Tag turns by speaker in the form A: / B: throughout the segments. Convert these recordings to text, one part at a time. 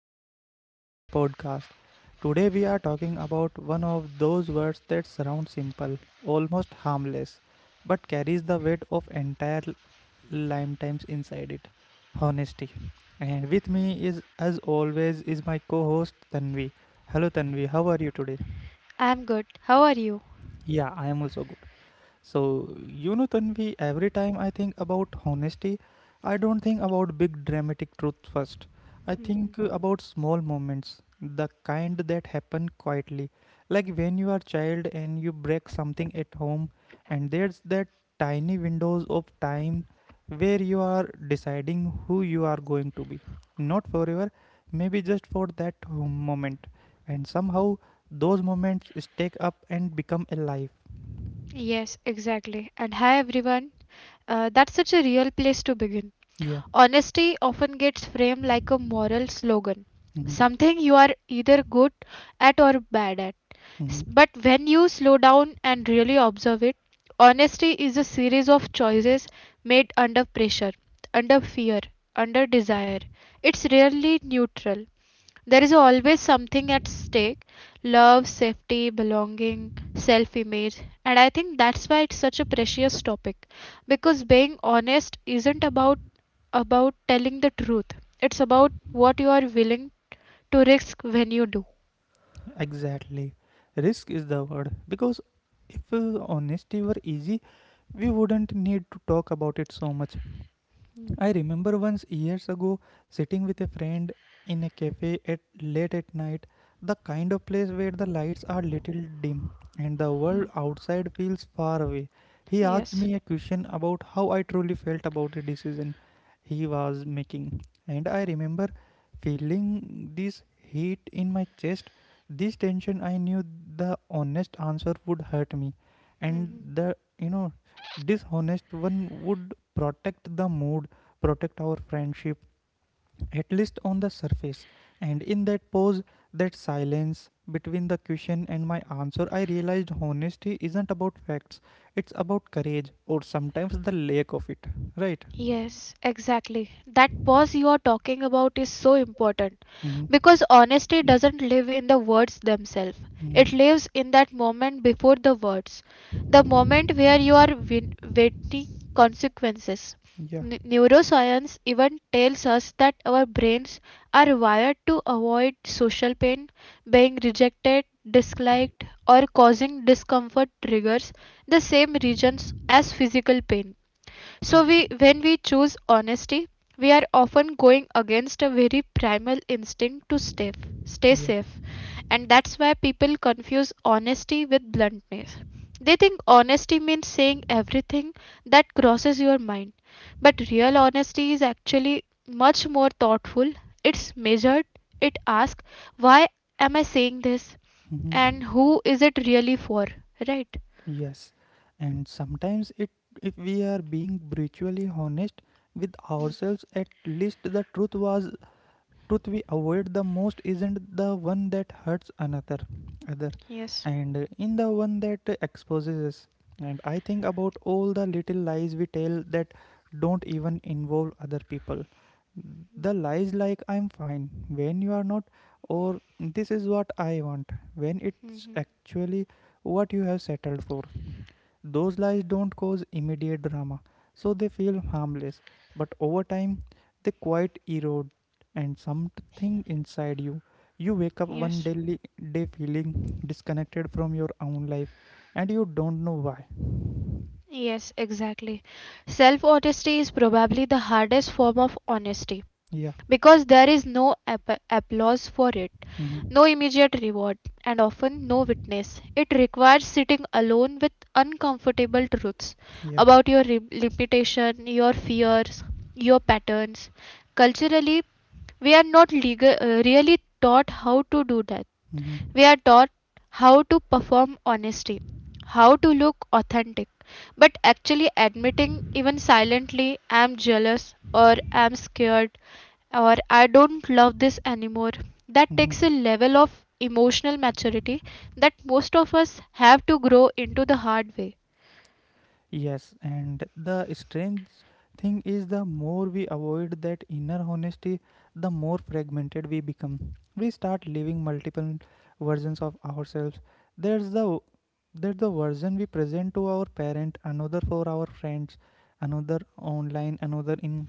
A: and welcome to the podcast. Today, we are talking about one of those words that sounds simple, almost harmless, but carries the weight of entire lifetimes inside it honesty. And with me is, as always, is my co host Tanvi. Hello, Tanvi, how are you today?
B: I am good. How are you?
A: Yeah, I am also good. So, you know, Tanvi, every time I think about honesty, I don't think about big dramatic truth first. I think about small moments, the kind that happen quietly. Like when you are child and you break something at home, and there's that tiny windows of time where you are deciding who you are going to be. Not forever, maybe just for that home moment. And somehow those moments stack up and become alive.
B: Yes, exactly. And hi, everyone. That's such a real place to begin.
A: Yeah.
B: Honesty often gets framed like a moral slogan,
A: Mhm.
B: something you are either good at or bad at. S-
A: Mhm.
B: But when you slow down and really observe it, honesty is a series of choices made under pressure, under fear, under desire. It's rarely neutral. There is always something at stake love, safety, belonging, self image. And I think that's why it's such a precious topic because being honest isn't about telling the truth. It's about what you are willing to risk when you do.
A: Exactly. Risk is the word. Because if honesty were easy, we wouldn't need to talk about it so much. I remember once years ago sitting with a friend in a cafe at late at night, the kind of place where the lights are little dim and the world outside feels far away. He asked
B: Yes.
A: me a question about how I truly felt about a decision he was making, and I remember feeling this heat in my chest, this tension. I knew the honest answer would hurt me, and
B: Mhm.
A: the dishonest one would protect the mood protect our friendship, at least on the surface. And in that pause, that silence between the question and my answer, I realized honesty isn't about facts, it's about courage or sometimes the lack of it, right?
B: Yes, exactly. That pause you are talking about is so important
A: Hmm.
B: because honesty doesn't live in the words themselves.
A: Hmm.
B: It lives in that moment before the words, the moment where you are waiting consequences.
A: Yeah,
B: Neuroscience even tells us that our brains are wired to avoid social pain, being rejected, disliked, or causing discomfort triggers the same regions as physical pain. So
A: yeah,
B: we when we choose honesty, we are often going against a very primal instinct to stay
A: yeah.
B: safe. And that's why people confuse honesty with bluntness. They think honesty means saying everything that crosses your mind. But real honesty is actually much more thoughtful. It's measured. It asks, why am I saying this?
A: Hmm.
B: And who is it really for? Right?
A: Yes, and sometimes it if we are being brutally honest with ourselves, at least the truth was truth we avoid the most isn't the one that hurts another other and in the one that exposes us and I think about all the little lies we tell that don't even involve other people the lies like I'm fine when you are not or this is what I want when it's actually what you have settled for those lies don't cause immediate drama, so they feel harmless, but over time they quite erode and something inside you. You wake up one daily day feeling disconnected from your own life and you don't know why.
B: Yes, exactly. Self honesty is probably the hardest form of honesty
A: Yeah.
B: because there is no applause for it,
A: Hmm.
B: no immediate reward, and often no witness. It requires sitting alone with uncomfortable truths
A: Yeah.
B: about your limitation, your fears, your patterns. Culturally, we are not legal, really taught how to do that.
A: Hmm.
B: We are taught how to perform honesty, how to look authentic, but actually admitting, even silently, I'm jealous or I'm scared or I don't love this anymore, that takes a
A: Hmm.
B: level of emotional maturity that most of us have to grow into the hard way.
A: Yes, and the strange thing is the more we avoid that inner honesty, the more fragmented we become. We start living multiple versions of ourselves. There's the there's the version we present to our parent, another for our friends, another online, another in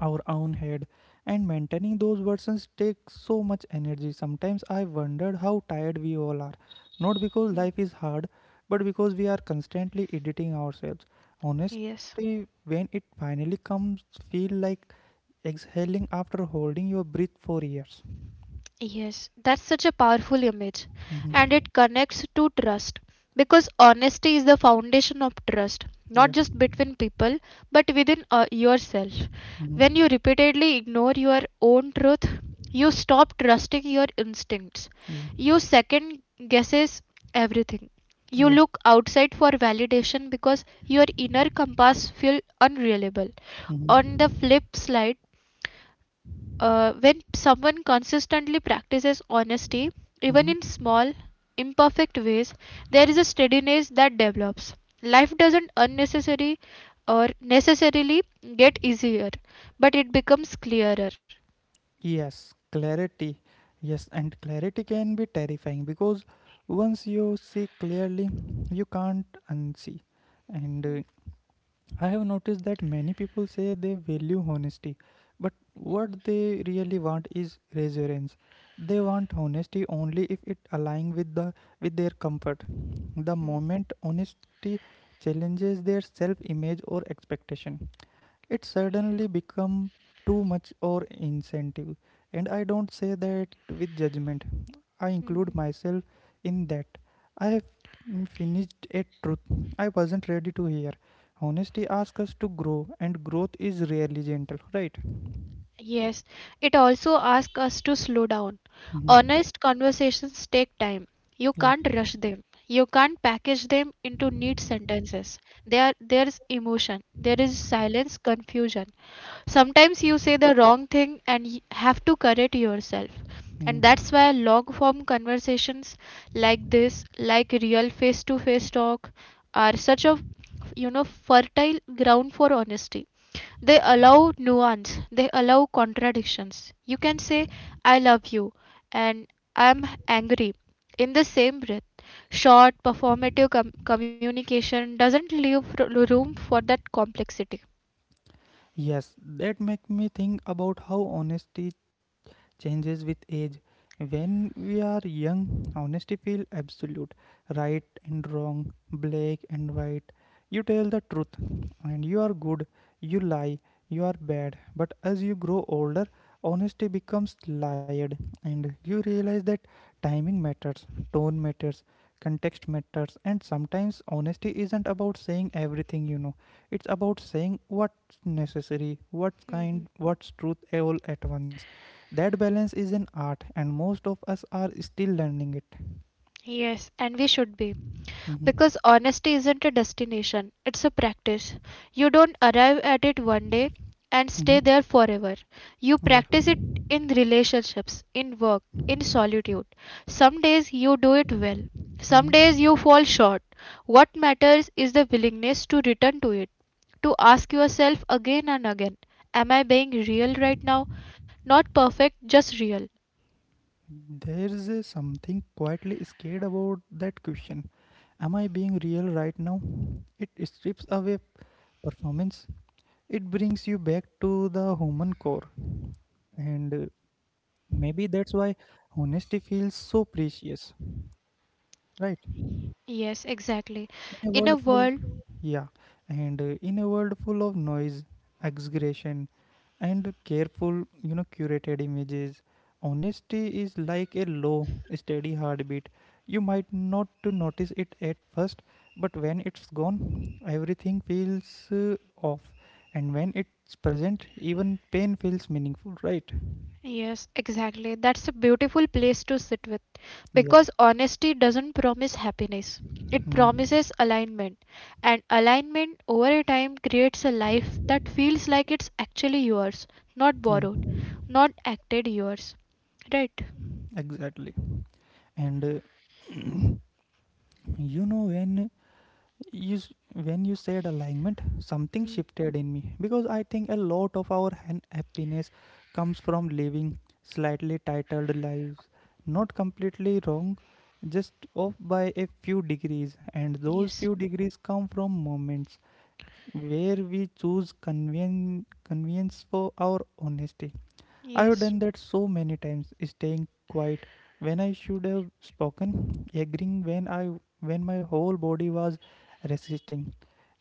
A: our own head and maintaining those versions takes so much energy sometimes I wondered how tired we all are not because life is hard but because we are constantly editing ourselves
B: Yes.
A: honestly when it finally comes feel like exhaling after holding your breath for years.
B: Yes, that's such a powerful image and
A: Hmm.
B: it connects to trust because honesty is the foundation of trust, not
A: Yeah.
B: just between people but within yourself. When you
A: Hmm.
B: repeatedly ignore your own truth, you stop trusting your instincts.
A: Yeah.
B: You second guesses everything. You
A: Yeah.
B: look outside for validation because your inner compass feels unreliable. On the
A: Hmm.
B: flip side, when someone consistently practices honesty, even
A: Hmm.
B: in small, imperfect ways, there is a steadiness that develops. Life doesn't unnecessary or necessarily get easier, but it becomes clearer.
A: Yes, clarity. Yes, and clarity can be terrifying because once you see clearly, you can't unsee. And I have noticed that many people say they value honesty, but what they really want is reassurance. They want honesty only if it aligns with the with their comfort. The moment honesty challenges their self-image or expectation, it suddenly become too much or incentive and I don't say that with judgment I
B: Mhm.
A: include myself in that I have finished a truth I wasn't ready to hear honesty asks us to grow and growth is rarely gentle, right?
B: Yes, it also asks us to slow down.
A: Mhm.
B: Honest conversations take time. You
A: Yeah.
B: can't rush them. You can't package them into neat sentences. There's emotion. There is silence, confusion. Sometimes you say the wrong thing and have to correct yourself. And
A: Mhm.
B: that's why long form conversations like this, like real face to face talk, are such a you know fertile ground for honesty. They allow nuance, they allow contradictions. You can say I love you and I'm angry in the same breath. Short performative communication doesn't leave room for that complexity.
A: Yes, that make me think about how honesty changes with age. When we are young, honesty feels absolute, right and wrong, black and white. You tell the truth, and you are good, you lie, you are bad. But as you grow older, honesty becomes layered, and you realize that timing matters, tone matters, context matters, and sometimes honesty isn't about saying everything you know it's about saying what's necessary what's kind what's truth all at once that balance is an art, and most of us are still learning it.
B: Yes, and we should be.
A: Hmm.
B: Because honesty isn't a destination, it's a practice. You don't arrive at it one day and
A: Hmm.
B: stay there forever. You
A: Yeah.
B: practice it in relationships, in work, in solitude. Some days you do it well, some days you
A: Hmm.
B: fall short. What matters is the willingness to return to it, to ask yourself again and again, am I being real right now? Not perfect, just real.
A: There's a something quietly scared about that question. Am I being real right now? It strips away performance. It brings you back to the human core. And maybe that's why honesty feels so precious, right?
B: Yes, exactly.
A: In a
B: In a
A: world full,
B: world.
A: yeah, and in a world full of noise, exaggeration, and careful, you know, curated images, honesty is like a low, steady heartbeat. You might not to notice it at first, but when it's gone, everything feels off. And when it's present, even pain feels meaningful, right?
B: Yes, exactly. That's a beautiful place to sit with
A: Yeah.
B: because honesty doesn't promise happiness. It
A: Mhm.
B: promises alignment, and alignment over a time creates a life that feels like it's actually yours, not
A: Yeah,
B: borrowed, not acted yours. Right?
A: exactly. And you know when when you said alignment something
B: Hmm.
A: shifted in me because I think a lot of our happiness comes from living slightly titled lives not completely wrong just off by a few degrees and those
B: Yes,
A: few degrees come from moments where we choose convenience for our honesty. I have done
B: yes,
A: that so many times, staying quiet when I should have spoken, agreeing when my whole body was resisting.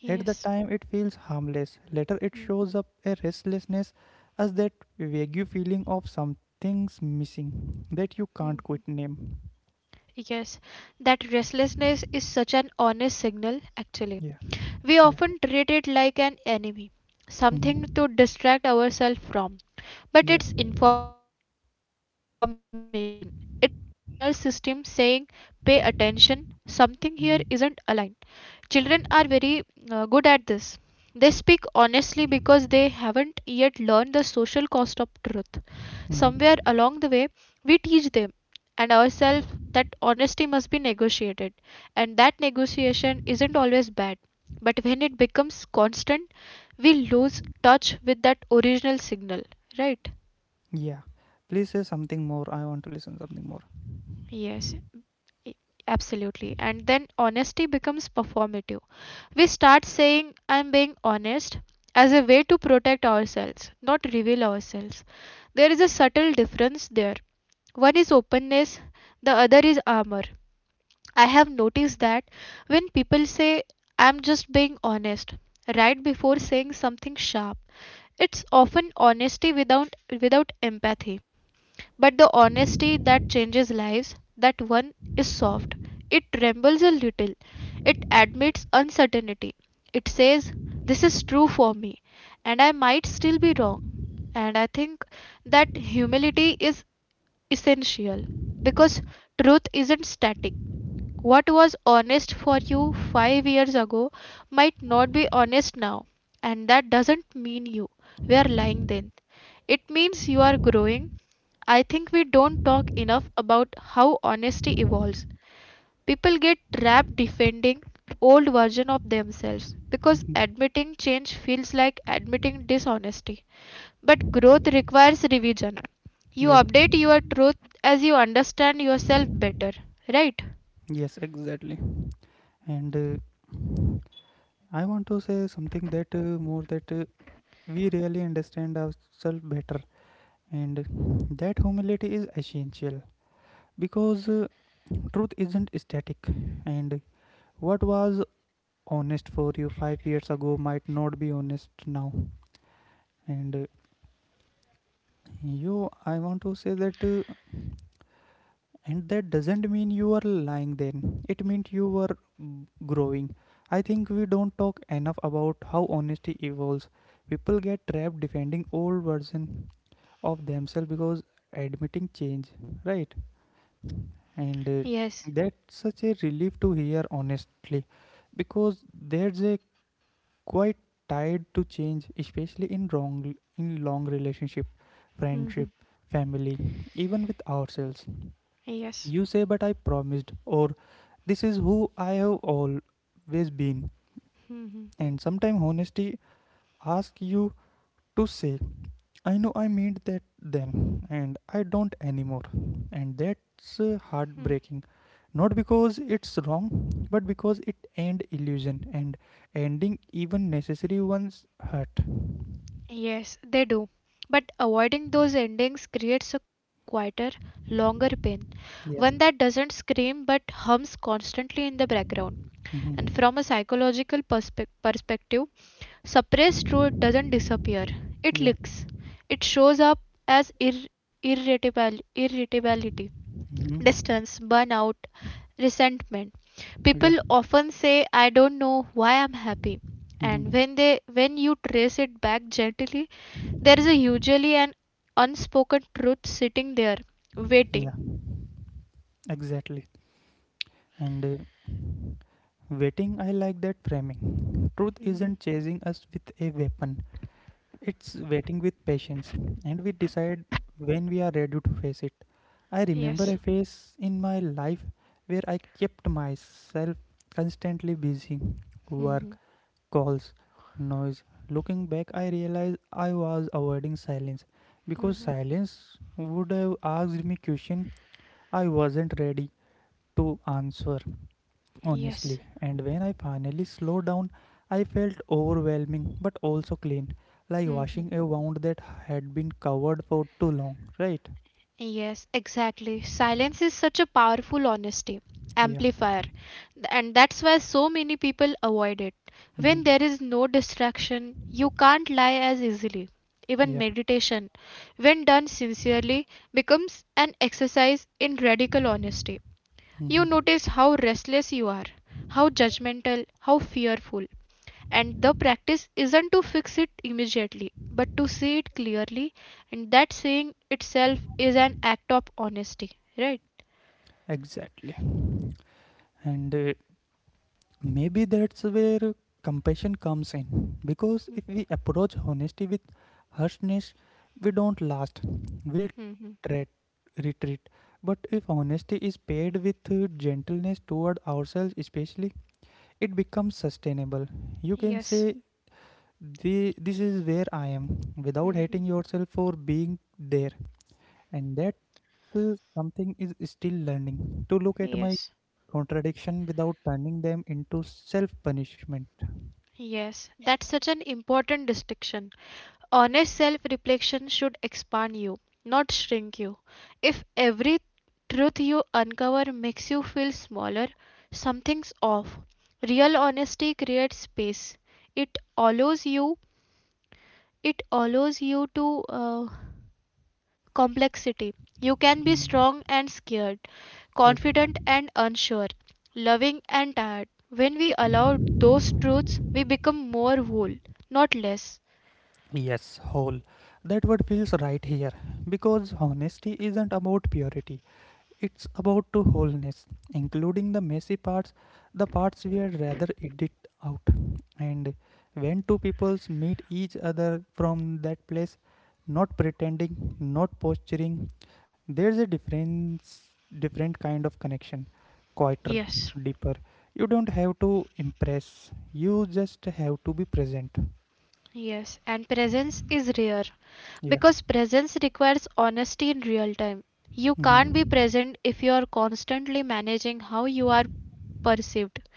A: At the
B: yes.
A: time it feels harmless. Later it
B: Hmm.
A: shows up a restlessness as that vague feeling of something's missing that you can't
B: Hmm.
A: quite name.
B: Yes, that restlessness is such an honest signal, actually.
A: Yeah,
B: We
A: yeah.
B: often treat it like an enemy,
A: Hmm.
B: something to distract ourselves from, but
A: Yeah.
B: it's information. It's your inner system saying, pay attention, something here isn't aligned.
A: Hmm.
B: Children are very good at this. They speak honestly because they haven't yet learned the social cost of truth. Somewhere along the
A: Hmm.
B: way, we teach them and ourselves that honesty must be negotiated, and that negotiation isn't always bad. But when it becomes constant, we lose touch with that original signal, right?
A: Yeah. Please say something more. I want to listen something more.
B: Yes, i- absolutely. And then honesty becomes performative. We start saying, I'm being honest as a way to protect ourselves, not reveal ourselves. There is a subtle difference there. One is openness, the other is armor. I have noticed that when people say, I'm just being honest, right before saying something sharp, it's often honesty without empathy, but the honesty that changes lives, that one is soft. It trembles a little. It admits uncertainty. It says, this is true for me, and I might still be wrong. And I think that humility is essential because truth isn't static. What was honest for you 5 years ago might not be honest now, and that doesn't mean you were lying then. It means you are growing. I think we don't talk enough about how honesty evolves. People get trapped defending old version of themselves because
A: Mhm.
B: admitting change feels like admitting dishonesty. But growth requires revision. You
A: Yeah.
B: update your truth as you understand yourself better, right?
A: Yes, exactly. And I want to say something that we really understand ourselves better, and that humility is essential because truth isn't static, and what was honest for you 5 years ago might not be honest now. And I want to say that, and that doesn't mean you are lying. Then it means you were growing. I think we don't talk enough about how honesty evolves. People get trapped defending old version of themselves because admitting change, right? And
B: Yes,
A: that's such a relief to hear, honestly, because there's a quite tied to change, especially in wrong in long relationship, friendship, family, even with ourselves.
B: yes,
A: You say, but I promised, or this is who I have always been. And sometimes honesty asks you to say I know I made that then, and I don't anymore. And
B: hmm,
A: that's heartbreaking. Not because it's wrong, but because it end illusion and ending even necessary ones hurt.
B: yes, they do. But avoiding those endings creates a quieter, longer pain, one that
A: Yeah.
B: doesn't scream but hums constantly in the background. And
A: Mm-hmm.
B: from a psychological perspective, suppressed truth doesn't disappear, it
A: Yeah.
B: leaks. It shows up as ir- irritable irritability
A: Mm-hmm.
B: distance, burnout, resentment.
A: Yeah.
B: People often say, I don't know why I'm happy. And
A: Mm-hmm.
B: when you trace it back gently, there is a usually an unspoken truth sitting there
A: Yeah.
B: waiting.
A: Exactly. And waiting, I like that framing. Truth
B: Mhm.
A: isn't chasing us with a weapon, it's waiting with patience, and we decide when we are ready to face it. I remember a phase in my life where I kept myself constantly busy work, calls, noise. Looking back, I realized I was avoiding silence because silence would have asked me questions I wasn't ready to answer
B: Yes.
A: honestly. And when I finally slowed down, I felt overwhelming but also clean, like washing a wound that had been covered for too long, right?
B: Yes, exactly. Silence is such a powerful honesty
A: Yeah.
B: amplifier, and that's why so many people avoid it.
A: Hmm.
B: When there is no distraction, you can't lie as easily. Even
A: Yeah.
B: meditation, when done sincerely, becomes an exercise in radical honesty.
A: Hmm.
B: You notice how restless you are, how judgmental, how fearful. And the practice isn't to fix it immediately, but to see it clearly, and that seeing itself is an act of honesty, right?
A: Exactly. And maybe that's where compassion comes in. Because if we approach honesty with harshness, we don't last. We'll
B: Hmm.
A: tret- retreat. But if honesty is paired with gentleness toward ourselves, especially, it becomes sustainable you can say this is where I am without
B: Hmm.
A: hating yourself for being there and that something is still learning to look at my contradiction without turning them into self punishment.
B: Yes, that's such an important distinction. Honest self reflection should expand you, not shrink you. If every truth you uncover makes you feel smaller, something's off. Real honesty creates space. It allows you it allows you to complexity. You can be strong and scared,
A: Yeah.
B: confident and unsure, loving and tired. When we allow those truths, we become more whole, not less.
A: Yes whole that word feels right here because honesty isn't about purity. It's about to wholeness, including the messy parts, the parts we had rather edit out. And when two peoples meet each other from that place, not pretending, not posturing, there's a difference, different kind of connection, quieter, deeper. You don't have to impress. You just have to be present.
B: Yes. And presence is rare
A: Yeah.
B: because presence requires honesty in real time. You can't be
A: Hmm.
B: present if you are constantly managing how you are perceived.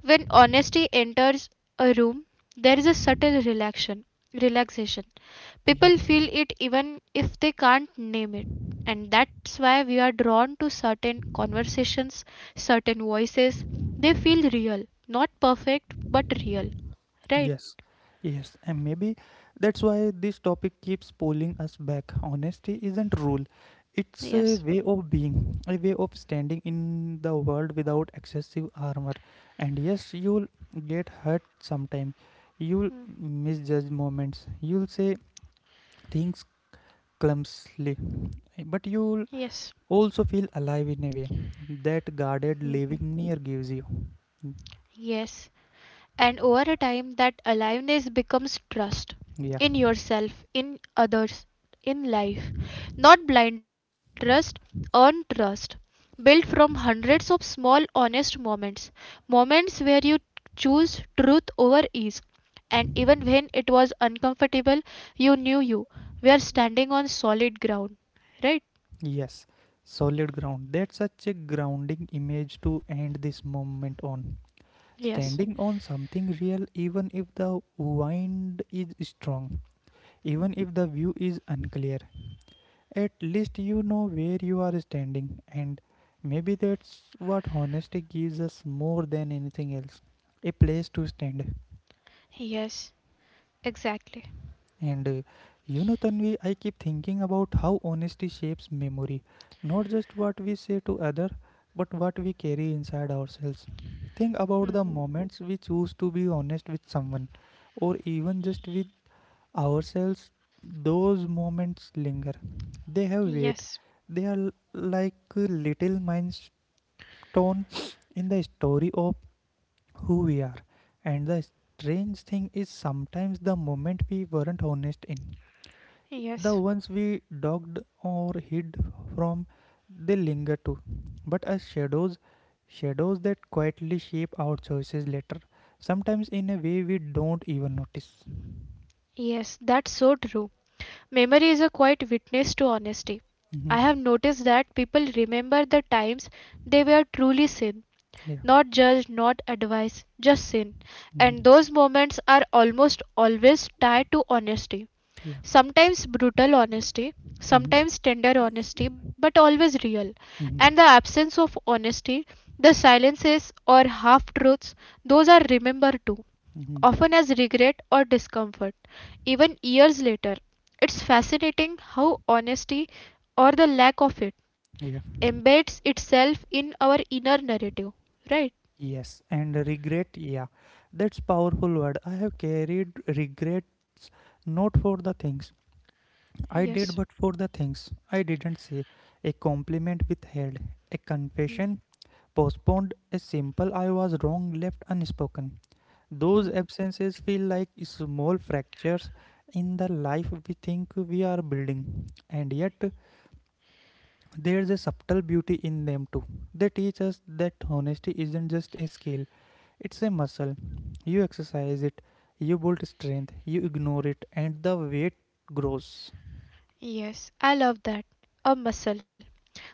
B: When honesty enters a room, there is a subtle relaxation. Relaxation.
A: Yeah.
B: People feel it even if they can't name it. And that's why we are drawn to certain conversations, certain voices. They feel real, not perfect, but real, right?
A: Yes, yes, and maybe that's why this topic keeps pulling us back. Honesty isn't rule; it's a way of being, a way of standing in the world without excessive armor. And yes, you'll get hurt sometime. You'll misjudge moments. You'll say things clumsily, but you'll also feel alive in a way that guarded
B: Hmm.
A: living near gives you.
B: Yes. And over a time that aliveness becomes trust
A: Yeah.
B: in yourself, in others, in life, not blind trust, earned trust, built from hundreds of small honest moments, moments where you choose truth over ease, and even when it was uncomfortable, you knew you were standing on solid ground, right?
A: Yes, solid ground. That's such a grounding image to end this moment on. Standing on something real, even if the wind is strong, even if the view is unclear, at least you know where you are standing, and maybe that's what honesty gives us more than anything else a place to stand.
B: Exactly.
A: And you know, Tanvi, I keep thinking about how honesty shapes memory, not just what we say to other, but what we carry inside ourselves. Think about
B: Hmm.
A: the moments we choose to be honest with someone, or even just with ourselves. Those moments linger. They have weight. They are like a little milestone in the story of who we are. And the strange thing is sometimes the moment we weren't honest in. The ones we dogged or hid from, they linger too, but as shadows, shadows that quietly shape our choices later, sometimes in a way we don't even notice.
B: That's so true. Memory is a quiet witness to honesty. I
A: hmm
B: have noticed that people remember the times they were truly seen,
A: Yeah.
B: not judged, not advised, just seen. And
A: hmm
B: those moments are almost always tied to honesty.
A: Yeah.
B: Sometimes brutal honesty,
A: hmm
B: sometimes tender honesty, but always real. And the
A: hmm
B: absence of honesty, the silences or half truths, those are remembered too,
A: hmm
B: often as regret or discomfort, even years later. It's fascinating how honesty, or the lack of it,
A: Yeah.
B: embeds itself in our inner narrative, right?
A: Yes. And regret, yeah. That's powerful word. I have carried regrets not for the things I did, but for the things I didn't say. A compliment withheld, a confession postponed a simple I was wrong left unspoken. Those absences feel like small fractures in the life we think we are building, and yet there's a subtle beauty in them too. They teach us that honesty isn't just a skill, it's a muscle. You exercise it, you build strength, you ignore it, and the weight grows.
B: I love that. A muscle.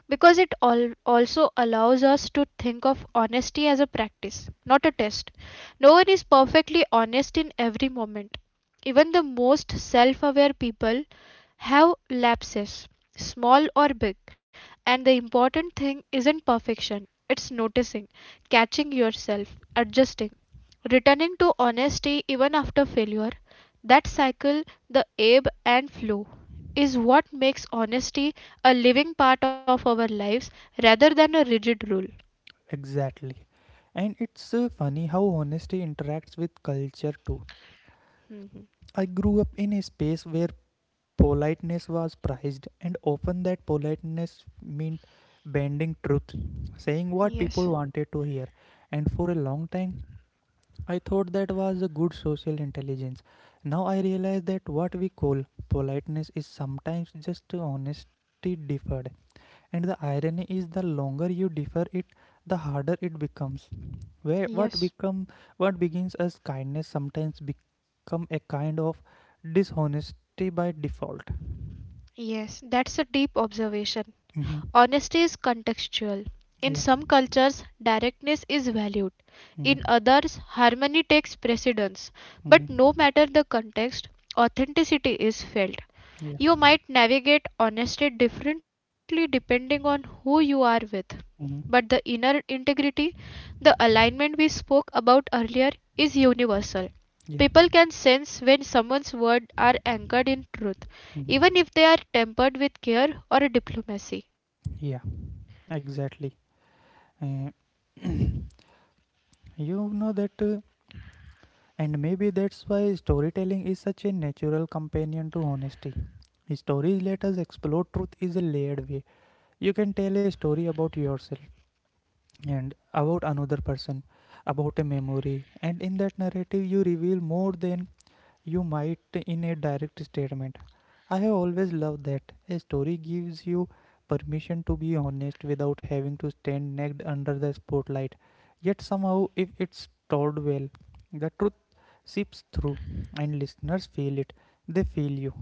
B: Because it also allows us to think of honesty as a practice, not a test. No one is perfectly honest in every moment. Even the most self aware people have lapses, small or big, and the important thing isn't perfection, it's noticing, catching yourself, adjusting, returning to honesty even after failure. That cycle, the ebb and flow, is what makes honesty a living part of our lives rather than a rigid rule.
A: Exactly. And it's funny how honesty interacts with culture too.
B: Mhm.
A: I grew up in a space where politeness was prized, and often that politeness meant bending truth, saying what people wanted to hear. And for a long time, I thought that was a good social intelligence. Now I realize that what we call politeness is sometimes just honesty deferred. And the irony is the longer you defer it, the harder it becomes. Where what become What begins as kindness sometimes become a kind of dishonesty by default.
B: Yes, that's a deep observation.
A: Mhm.
B: Honesty is contextual. In
A: Yeah.
B: some cultures, directness is valued. In
A: Mhm.
B: others, harmony takes precedence. But no
A: Mhm.
B: matter the context, authenticity is felt.
A: Yeah.
B: You might navigate honesty differently depending on who you are with, but the
A: Mhm.
B: inner integrity, the alignment we spoke about earlier, is universal.
A: Yeah.
B: People can sense when someone's words are anchored in truth, even
A: Mhm.
B: if they are tempered with care or diplomacy.
A: Yeah. Exactly. Uh, you know that, And maybe that's why storytelling is such a natural companion to honesty. Stories let us explore truth is a layered way. You can tell a story about yourself and about another person, about a memory, and in that narrative, you reveal more than you might in a direct statement. I have always loved that. A story gives you permission to be honest without having to stand naked under the spotlight. Yet somehow, if it's told well, the truth seeps through and listeners feel it. They feel you.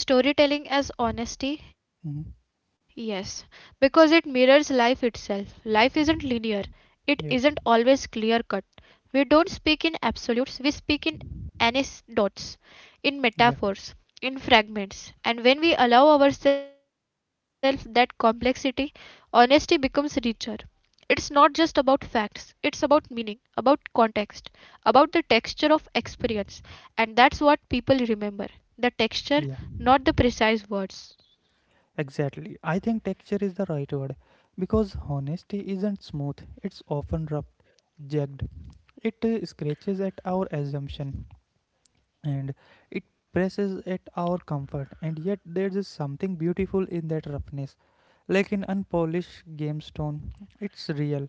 B: Storytelling as honesty,
A: Mhm.
B: yes, because it mirrors life itself. Life isn't linear, it isn't always
A: Yeah,
B: clear cut. We don't speak in absolutes, we speak in anecdotes, in
A: yeah,
B: metaphors, in fragments, and when we allow ourselves that complexity, honesty becomes richer. It's not just about facts, it's about meaning, about context, about the texture of experience, and that's what people remember, the texture,
A: yeah.
B: not the precise words.
A: Exactly. I think texture is the right word because honesty isn't smooth, it's often rough, jagged. It scratches at our assumption and it presses at our comfort, and yet there is something beautiful in that roughness, like an unpolished gemstone. It's real,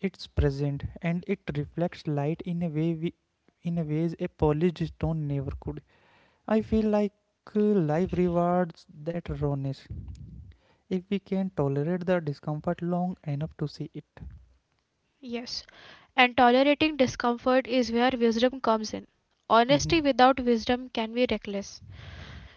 A: it's present, and it reflects light in a way we, in a ways a polished stone never could. I feel like life rewards that rawness if we can tolerate the discomfort long enough to see it.
B: And tolerating discomfort is where wisdom comes in. Honesty
A: Mhm.
B: without wisdom can be reckless,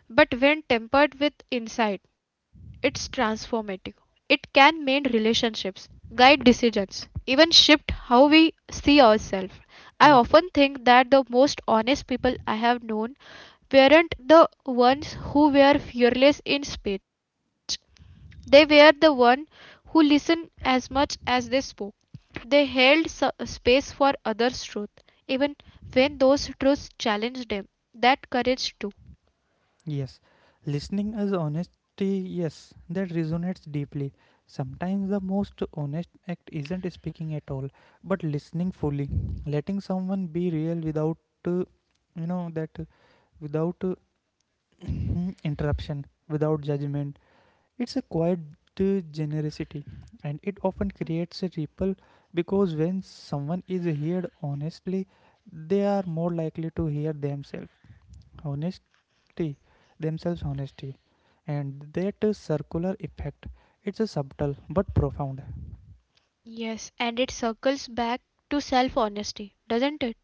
B: but when tempered with insight, it's transformative. It can mend relationships, guide decisions, even shift how we see ourselves. I
A: yes
B: often think that the most honest people I have known weren't the ones who were fearless in speech. They were the ones who listened as much as they spoke. They held space for others' truth, even when those truths challenged them. That courage, too.
A: Yes, listening as honesty, yes, that resonates deeply. Sometimes the most honest act isn't speaking at all, but listening fully, letting someone be real without, uh, you know, that without interruption, without judgment. It's a quiet generosity, and it often creates a ripple because when someone is heard honestly, they are more likely to hear themselves. Honest Honesty, and that is circular effect. It's a subtle but profound.
B: Yes, and it circles back to self honesty, doesn't it?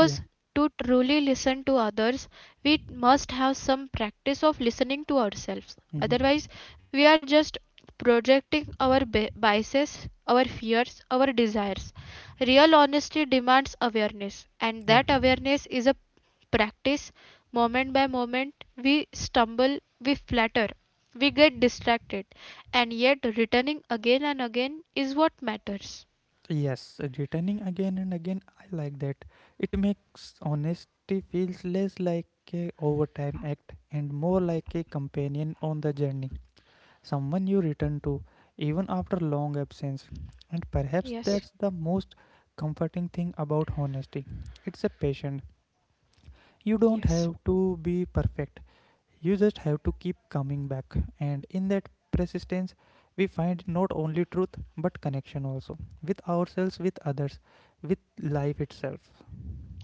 A: yeah
B: to truly listen to others, we must have some practice of listening to ourselves.
A: hmm
B: Otherwise, we are just projecting our biases, our fears, our desires. Real honesty demands awareness, and
A: yeah
B: that awareness is a practice. Moment by moment we stumble, we flatter, we get distracted, and yet returning again and again is what matters.
A: yes, returning again and again, I like that. It makes honesty feels less like a overtime act and more like a companion on the journey, someone you return to even after long absence. And perhaps that's the most comforting thing about honesty. It's a patient. You don't have to be perfect. You just have to keep coming back, and in that persistence, we find not only truth but connection also, with ourselves, with others, with life itself.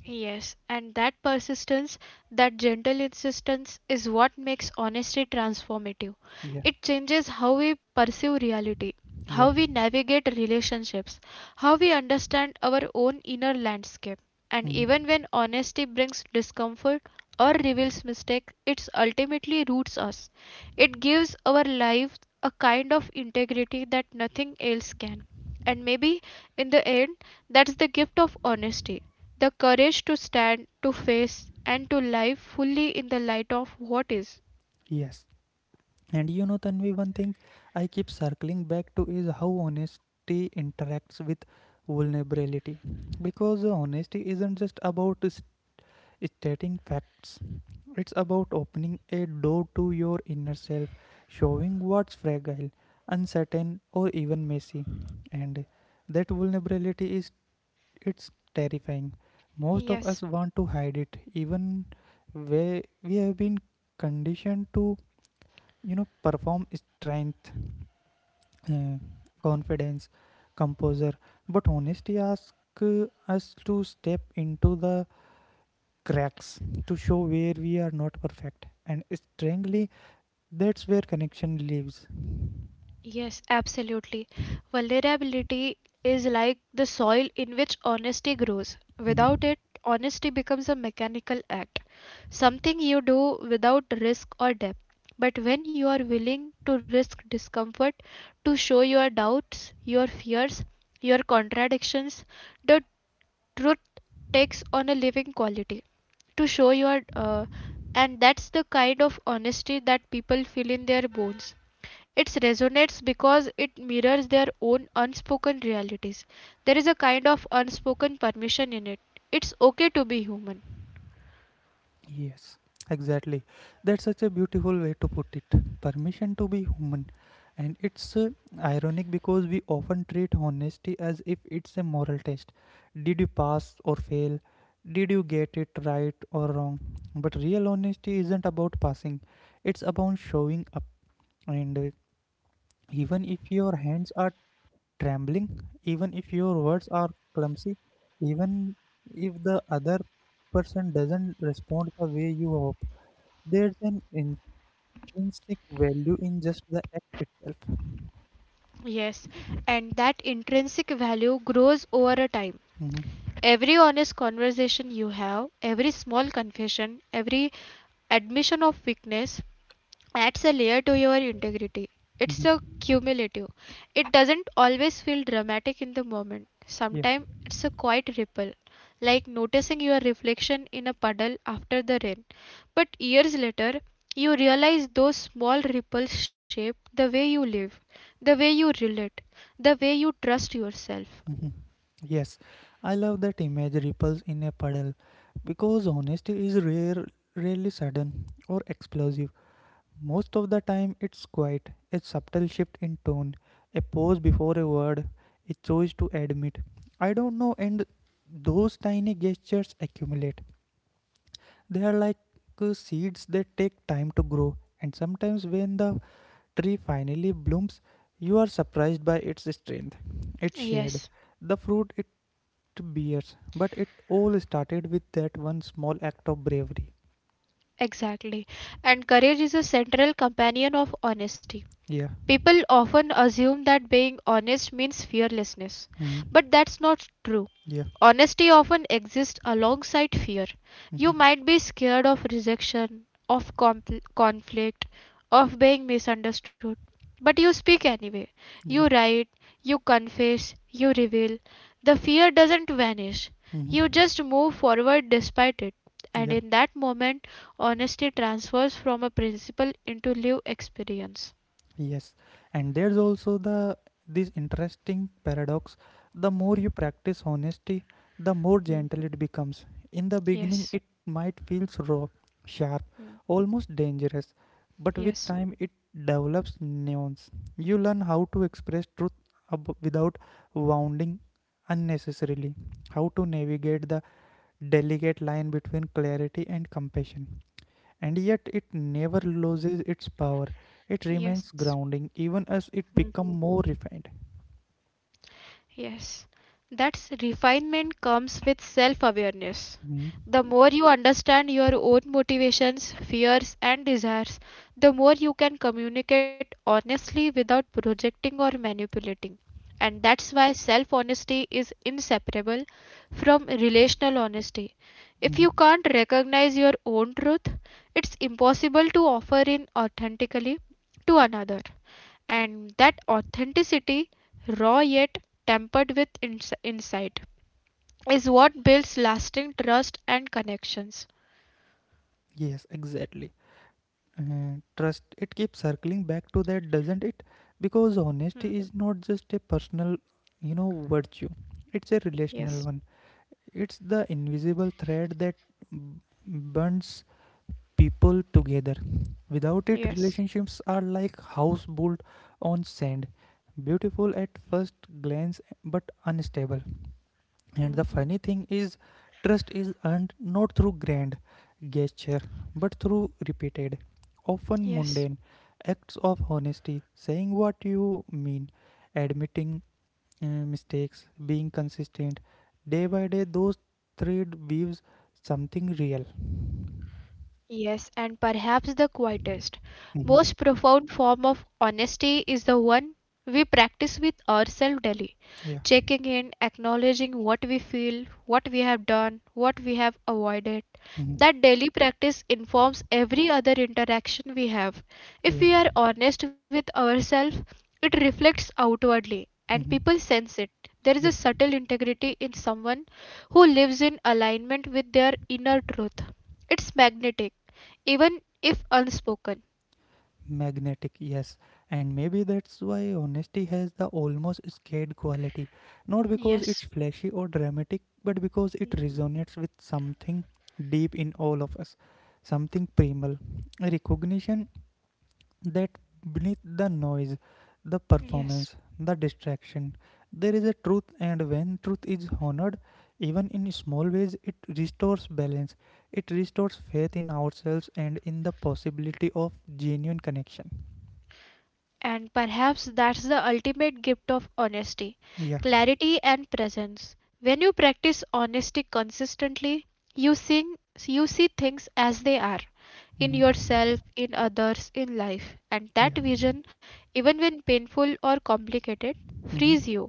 B: Yes, and that persistence, that gentle insistence is what makes honesty transformative.
A: Yeah,
B: It changes how we perceive reality,
A: yeah,
B: how we navigate relationships, how we understand our own inner landscape. And
A: mhm.
B: even when honesty brings discomfort or reveals mistakes, it ultimately roots us. It gives our life a kind of integrity that nothing else can. And maybe in the end, that's the gift of honesty, the courage to stand, to face, and to live fully in the light of what is.
A: Yes. And you know, Tanvi, one thing I keep circling back to is how honesty interacts with vulnerability, because honesty isn't just about stating facts. It's about opening a door to your inner self, showing what's fragile, uncertain, or even messy. And that vulnerability is, it's terrifying. Most of us want to hide it, even where we have been conditioned to, you know, perform strength, uh, confidence, composure. But honesty asks us to step into the cracks, to show where we are not perfect, and strangely, that's where connection lives.
B: Yes, absolutely. Vulnerability is like the soil in which honesty grows. Without it, honesty becomes a mechanical act, something you do without risk or depth. But when you are willing to risk discomfort, to show your doubts, your fears, your contradictions, the truth takes on a living quality. To show your And that's the kind of honesty that people feel in their bones. It resonates because it mirrors their own unspoken realities. There is a kind of unspoken permission in it. It's okay to be human.
A: Yes, exactly. That's such a beautiful way to put it. Permission to be human. And it's ironic because we often treat honesty as if it's a moral test. Did you pass or fail? Did you get it right or wrong? But real honesty isn't about passing, it's about showing up. And even if your hands are trembling, even if your words are clumsy, even if the other person doesn't respond the way you hope, there's an intrinsic value in just the act itself.
B: Yes, and that intrinsic value grows over a time.
A: Mhm,
B: Every honest conversation you have, every small confession, every admission of weakness adds a layer to your integrity. It's a
A: mhm,
B: cumulative. It doesn't always feel dramatic in the moment.
A: Yeah.
B: Sometimes it's a quiet ripple, like noticing your reflection in a puddle after the rain. But years later, you realize those small ripples shape the way you live, the way you relate, the way you trust yourself.
A: mhm. Yes, I love that image, ripples in a puddle, because honesty is rare, rarely sudden or explosive. Most of the time, it's quite, a subtle shift in tone, a pause before a word, a choice to admit I don't know, and those tiny gestures accumulate. They are like seeds that take time to grow, and sometimes when the tree finally blooms, you are surprised by its strength, its shade,
B: Yes.
A: the fruit it bears. But it all started with that one small act of bravery.
B: Exactly. And courage is a central companion of honesty.
A: Yeah.
B: People often assume that being honest means fearlessness,
A: hmm
B: but that's not true.
A: Yeah.
B: Honesty often exists alongside fear. You
A: hmm
B: might be scared of rejection, of conflict, of being misunderstood, but you speak anyway. You
A: Yeah.
B: write, you confess, you reveal. The fear doesn't vanish.
A: hmm
B: You just move forward despite it. And
A: Yeah,
B: in that moment, honesty transfers from a principle into lived experience.
A: yes. And there's also the this interesting paradox. The more you practice honesty, the more
B: Hmm.
A: gentle it becomes. In the beginning, it
B: Yes,
A: might feel raw, sharp, almost dangerous, but with
B: yes.
A: time it develops nuance. You learn how to express truth without wounding unnecessarily, how to navigate the delicate line between clarity and compassion. And yet it never loses its power. It remains grounding even as it becomes more refined.
B: Yes, that's refinement comes with self awareness.
A: Mhm.
B: The more you understand your own motivations, fears, and desires, the more you can communicate honestly without projecting or manipulating. And that's why self honesty is inseparable from relational honesty. If you
A: Mhm.
B: can't recognize your own truth, it's impossible to offer in authentically to another. And that authenticity, raw yet tempered with insight, is what builds lasting trust and connections.
A: Yes, exactly. Trust, it keeps circling back to that, doesn't it? Because honesty is not just a personal, you know, virtue, it's a relational one. It's the invisible thread that burns people together. Without it, relationships are like house built on sand, beautiful at first glance but unstable. And the funny thing is, trust is earned not through grand gesture but through repeated, often mundane acts of honesty, saying what you mean, admitting mistakes, being consistent. Day by day, those thread weaves something real.
B: Yes, and perhaps the quietest,
A: Mhm.
B: most profound form of honesty is the one we practice with ourselves daily.
A: Yeah.
B: Checking in, acknowledging what we feel, what we have done, what we have avoided.
A: Mhm.
B: That daily practice informs every other interaction we have. If
A: Yeah.
B: we are honest with ourselves, it reflects outwardly, and people
A: Mhm.
B: sense it. There is a
A: Yeah,
B: subtle integrity in someone who lives in alignment with their inner truth. It's magnetic, even if unspoken.
A: Magnetic, yes. And maybe that's why honesty has the almost scared quality. Not because it's flashy or dramatic, but because it resonates with something deep in all of us, something primal. Recognition that beneath the noise, the performance, the distraction, there is a truth, and when truth is honored, even in small ways, it restores balance. It restores faith in ourselves and in the possibility of genuine connection.
B: And perhaps that's the ultimate gift of honesty,
A: Yeah.
B: clarity and presence. When you practice honesty consistently, you, sing, you see things as they are, in
A: Mm-hmm.
B: yourself, in others, in life. And that
A: Yeah.
B: vision, even when painful or complicated, frees
A: Mm-hmm.
B: you.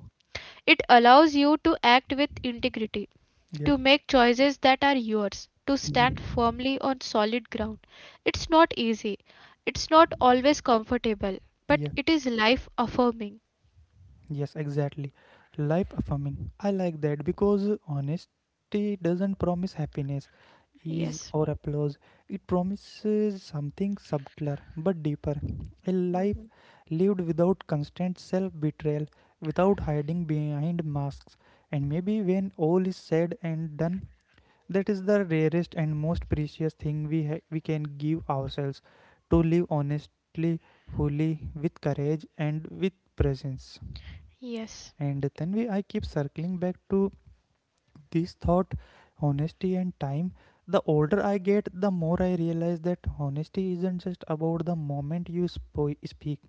B: It allows you to act with integrity,
A: Yeah.
B: to make choices that are yours, to stand
A: Mm-hmm.
B: firmly on solid ground. It's not easy, it's not always comfortable, but
A: Yeah.
B: it is life affirming.
A: Yes, exactly. Life affirming. I like that because honesty doesn't promise happiness, ease,
B: Yes.
A: or applause. It promises something subtler but deeper. A life lived without constant self betrayal, without hiding behind masks. And maybe when all is said and done, that is the rarest and most precious thing we can give ourselves, to live honestly, fully, with courage, and with presence. And then I keep circling back to this thought, honesty and time. The older I get, the more I realize that honesty isn't just about the moment you speak,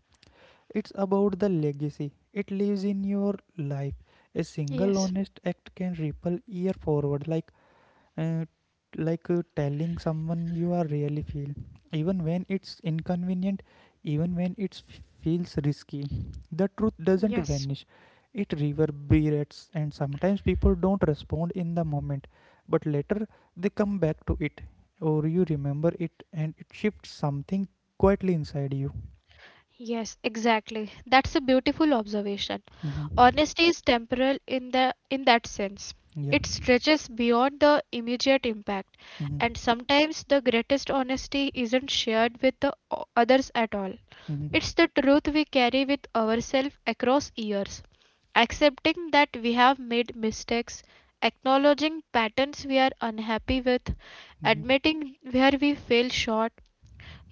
A: it's about the legacy it lives in your life. A single honest act can ripple year forward. Uh, like telling someone you are really feel, even when it's inconvenient, even when it feels risky. The truth doesn't vanish, it reverberates, and sometimes people don't respond in the moment, but later they come back to it, or you remember it, and it shifts something quietly inside you.
B: Yes, exactly. That's a beautiful observation.
A: mm-hmm.
B: Honesty is temporal in the in that sense.
A: yeah
B: It stretches beyond the immediate impact,
A: hmm
B: and sometimes the greatest honesty isn't shared with the others at all.
A: hmm
B: It's the truth we carry with ourselves across years. Accepting that we have made mistakes, acknowledging patterns we are unhappy with,
A: hmm
B: admitting where we fell short,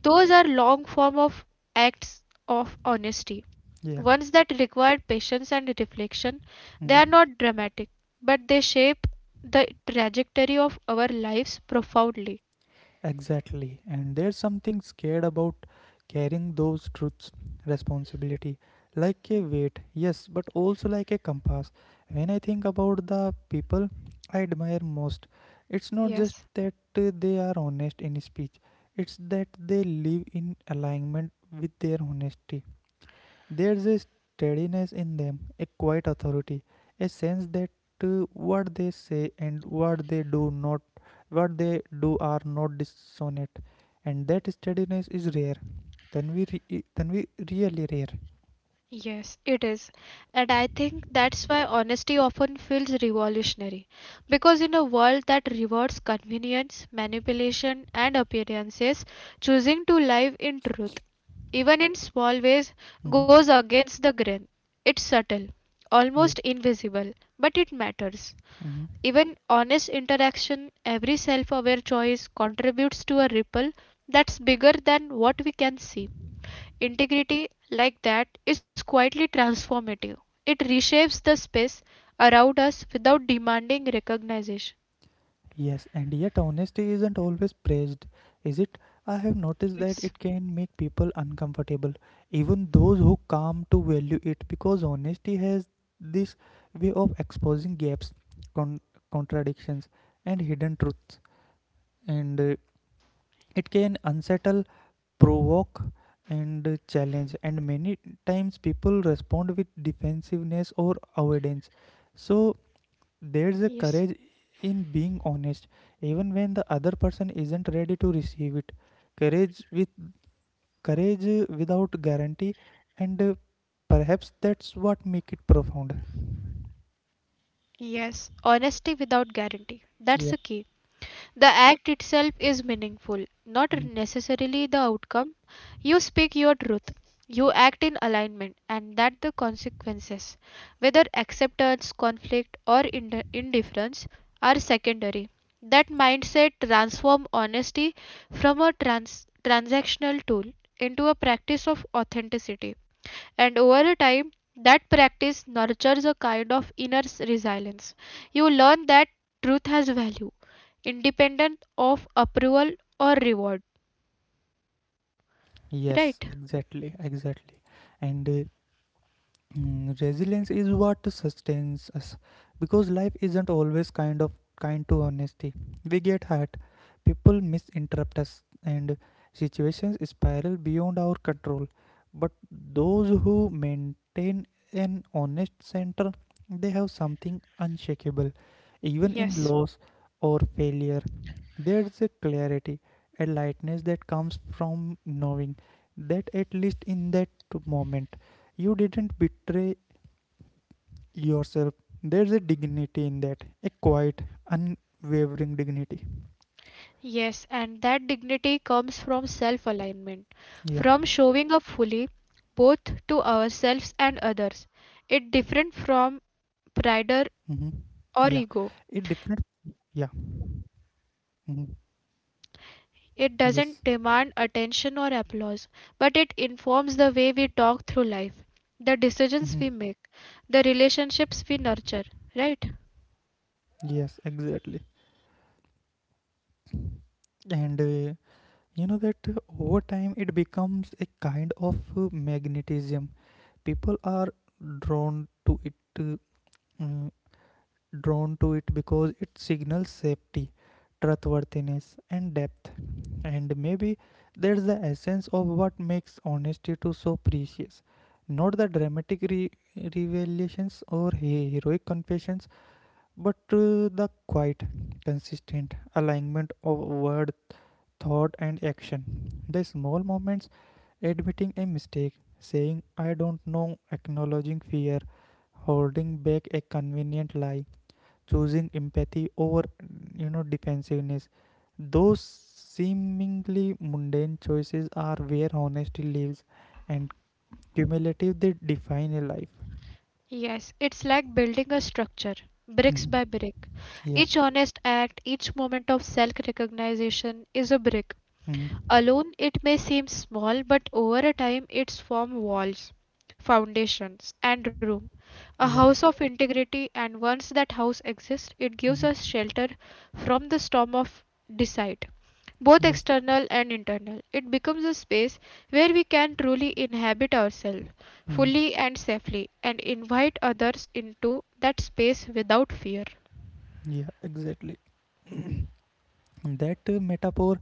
B: those are long form of acts of honesty.
A: yeah
B: Ones that require patience and reflection, they are
A: hmm
B: not dramatic, but they shape the trajectory of our lives profoundly.
A: Exactly. And there's something scared about carrying those truths, responsibility, like a weight, yes, but also like a compass. When I think about the people I admire most, it's not just that they are honest in speech, it's that they live in alignment with their honesty. There's a steadiness in them, a quiet authority, a sense that what they say and what they do not what they do are not dissonant, and that steadiness is rare. Then we really rare.
B: And I think that's why honesty often feels revolutionary. Because in a world that rewards convenience, manipulation, and appearances, choosing to live in truth, even in small ways, goes
A: hmm
B: against the grain. It's subtle, almost
A: yeah
B: invisible, but it matters.
A: hmm
B: Even honest interaction, every self aware choice contributes to a ripple that's bigger than what we can see. Integrity like that is quietly transformative. It reshapes the space around us without demanding recognition.
A: Yes, and yet honesty isn't always praised, is it? I have noticed that it can make people uncomfortable, even those who come to value it, because honesty has this way of exposing gaps, con- contradictions, and hidden truths, and it can unsettle, provoke, and challenge. And many times people respond with defensiveness or avoidance. So there's a courage in being honest, even when the other person isn't ready to receive it. Courage with Courage without guarantee, and perhaps that's what make it profound.
B: Honesty without guarantee. That's
A: Yeah.
B: the key. The act itself is meaningful, not
A: Mm.
B: necessarily the outcome. You speak your truth, you act in alignment, and that the consequences, whether acceptance, conflict, or indifference, are secondary. That mindset transforms honesty from a transactional tool into a practice of authenticity, and over time that practice nurtures a kind of inner resilience. You learn that truth has value independent of approval or reward,
A: Yes,
B: right?
A: exactly, exactly. And mm, resilience is what sustains us, because life isn't always kind to honesty. We get hurt, people misinterrupt us, and situations spiral beyond our control, but those who maintain an honest center, they have something unshakable. Even in loss or failure, there's a clarity, a lightness that comes from knowing that at least in that moment you didn't betray yourself. There's a dignity in that, a quiet, unwavering dignity.
B: Yes, and that dignity comes from self alignment,
A: Yeah.
B: from showing up fully, both to ourselves and others. It different from
A: Mm-hmm. Yeah.
B: pride
A: It different.
B: or ego.
A: Yeah. Mm-hmm.
B: It
A: Yes.
B: doesn't demand attention or applause, but it informs the way we talk through life, the decisions
A: Mm-hmm.
B: we make, the relationships we nurture, right?
A: Yes, exactly. And you know that over time it becomes a kind of magnetism. People are drawn to it mm, drawn to it because it signals safety, trustworthiness, and depth. And maybe that's the essence of what makes honesty to so precious. Not the dramatic revelations or heroic confessions, but the quiet, consistent alignment of word, thought, and action. The small moments: admitting a mistake, saying I don't know, acknowledging fear, holding back a convenient lie, choosing empathy over defensiveness, those seemingly mundane choices are where honesty lives, and cumulative they define a life.
B: Yes, it's like building a structure, bricks
A: Mhm.
B: by brick.
A: Yeah.
B: Each honest act, each moment of self recognition is a brick.
A: Mhm.
B: Alone, it may seem small, but over a time it's formed walls, foundations, and room. A
A: Yeah.
B: house of integrity, and once that house exists, it gives
A: Mhm.
B: us shelter from the storm of deceit, both
A: Yes.
B: external and internal. It becomes a space where we can truly inhabit ourselves
A: Mhm.
B: fully and safely and invite others into that space without fear.
A: Yeah, exactly. That metaphor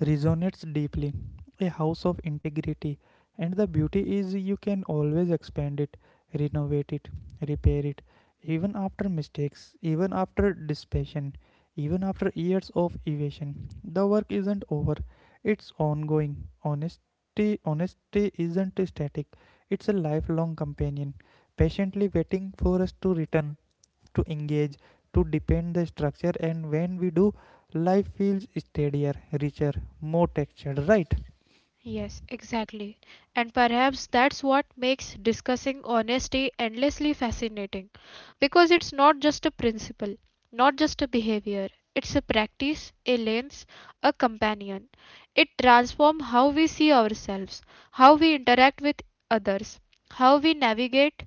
A: resonates deeply. A house of integrity. And the beauty is you can always expand it, renovate it, repair it, even after mistakes, even after dispassion, even after years of evasion. The work isn't over, it's ongoing. Honesty isn't static, it's a lifelong companion, patiently waiting for us to return, to engage, to depend the structure, and when we do, life feels steadier, richer, more textured, right?
B: Yes, exactly. And perhaps that's what makes discussing honesty endlessly fascinating, because it's not just a principle, not just a behavior, it's a practice, a lens, a companion. It transforms how we see ourselves, how we interact with others, how we navigate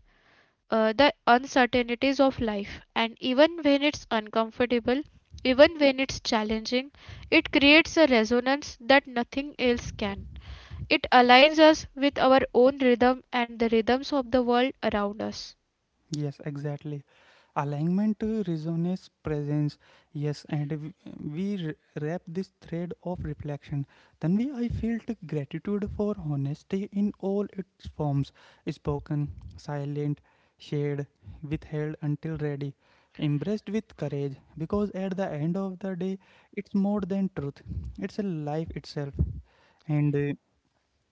B: the uncertainties of life. And even when it's uncomfortable, even when it's challenging, it creates a resonance that nothing else can. It aligns us with our own rhythm and the rhythms of the world around us.
A: Yes, exactly. Alignment resonates presence. Yes, and we r- wrap this thread of reflection. Then we I felt gratitude for honesty in all its forms, spoken, silent, shared, withheld until ready, embraced with courage. Because at the end of the day, it's more than truth; it's a life itself. And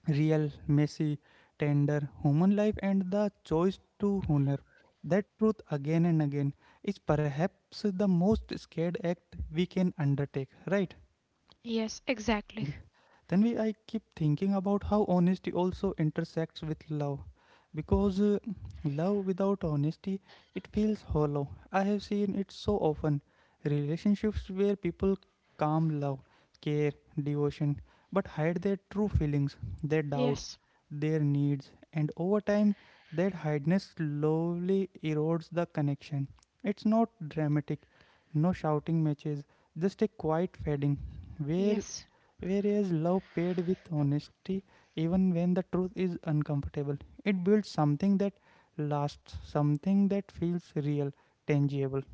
A: real, messy, tender human life, and the choice to honor that truth again and again is perhaps the most scared act we can undertake, right? I keep thinking about how honesty also intersects with love, because love without honesty, it feels hollow. I have seen it so often, relationships where people calm love, care, devotion, but hide their true feelings, their doubts, their needs, and over time that hideness slowly erodes the connection. It's not dramatic, no shouting matches, just a quiet fading where. Whereas love paired with honesty, even when the truth is uncomfortable, it builds something that lasts, something that feels real, tangible.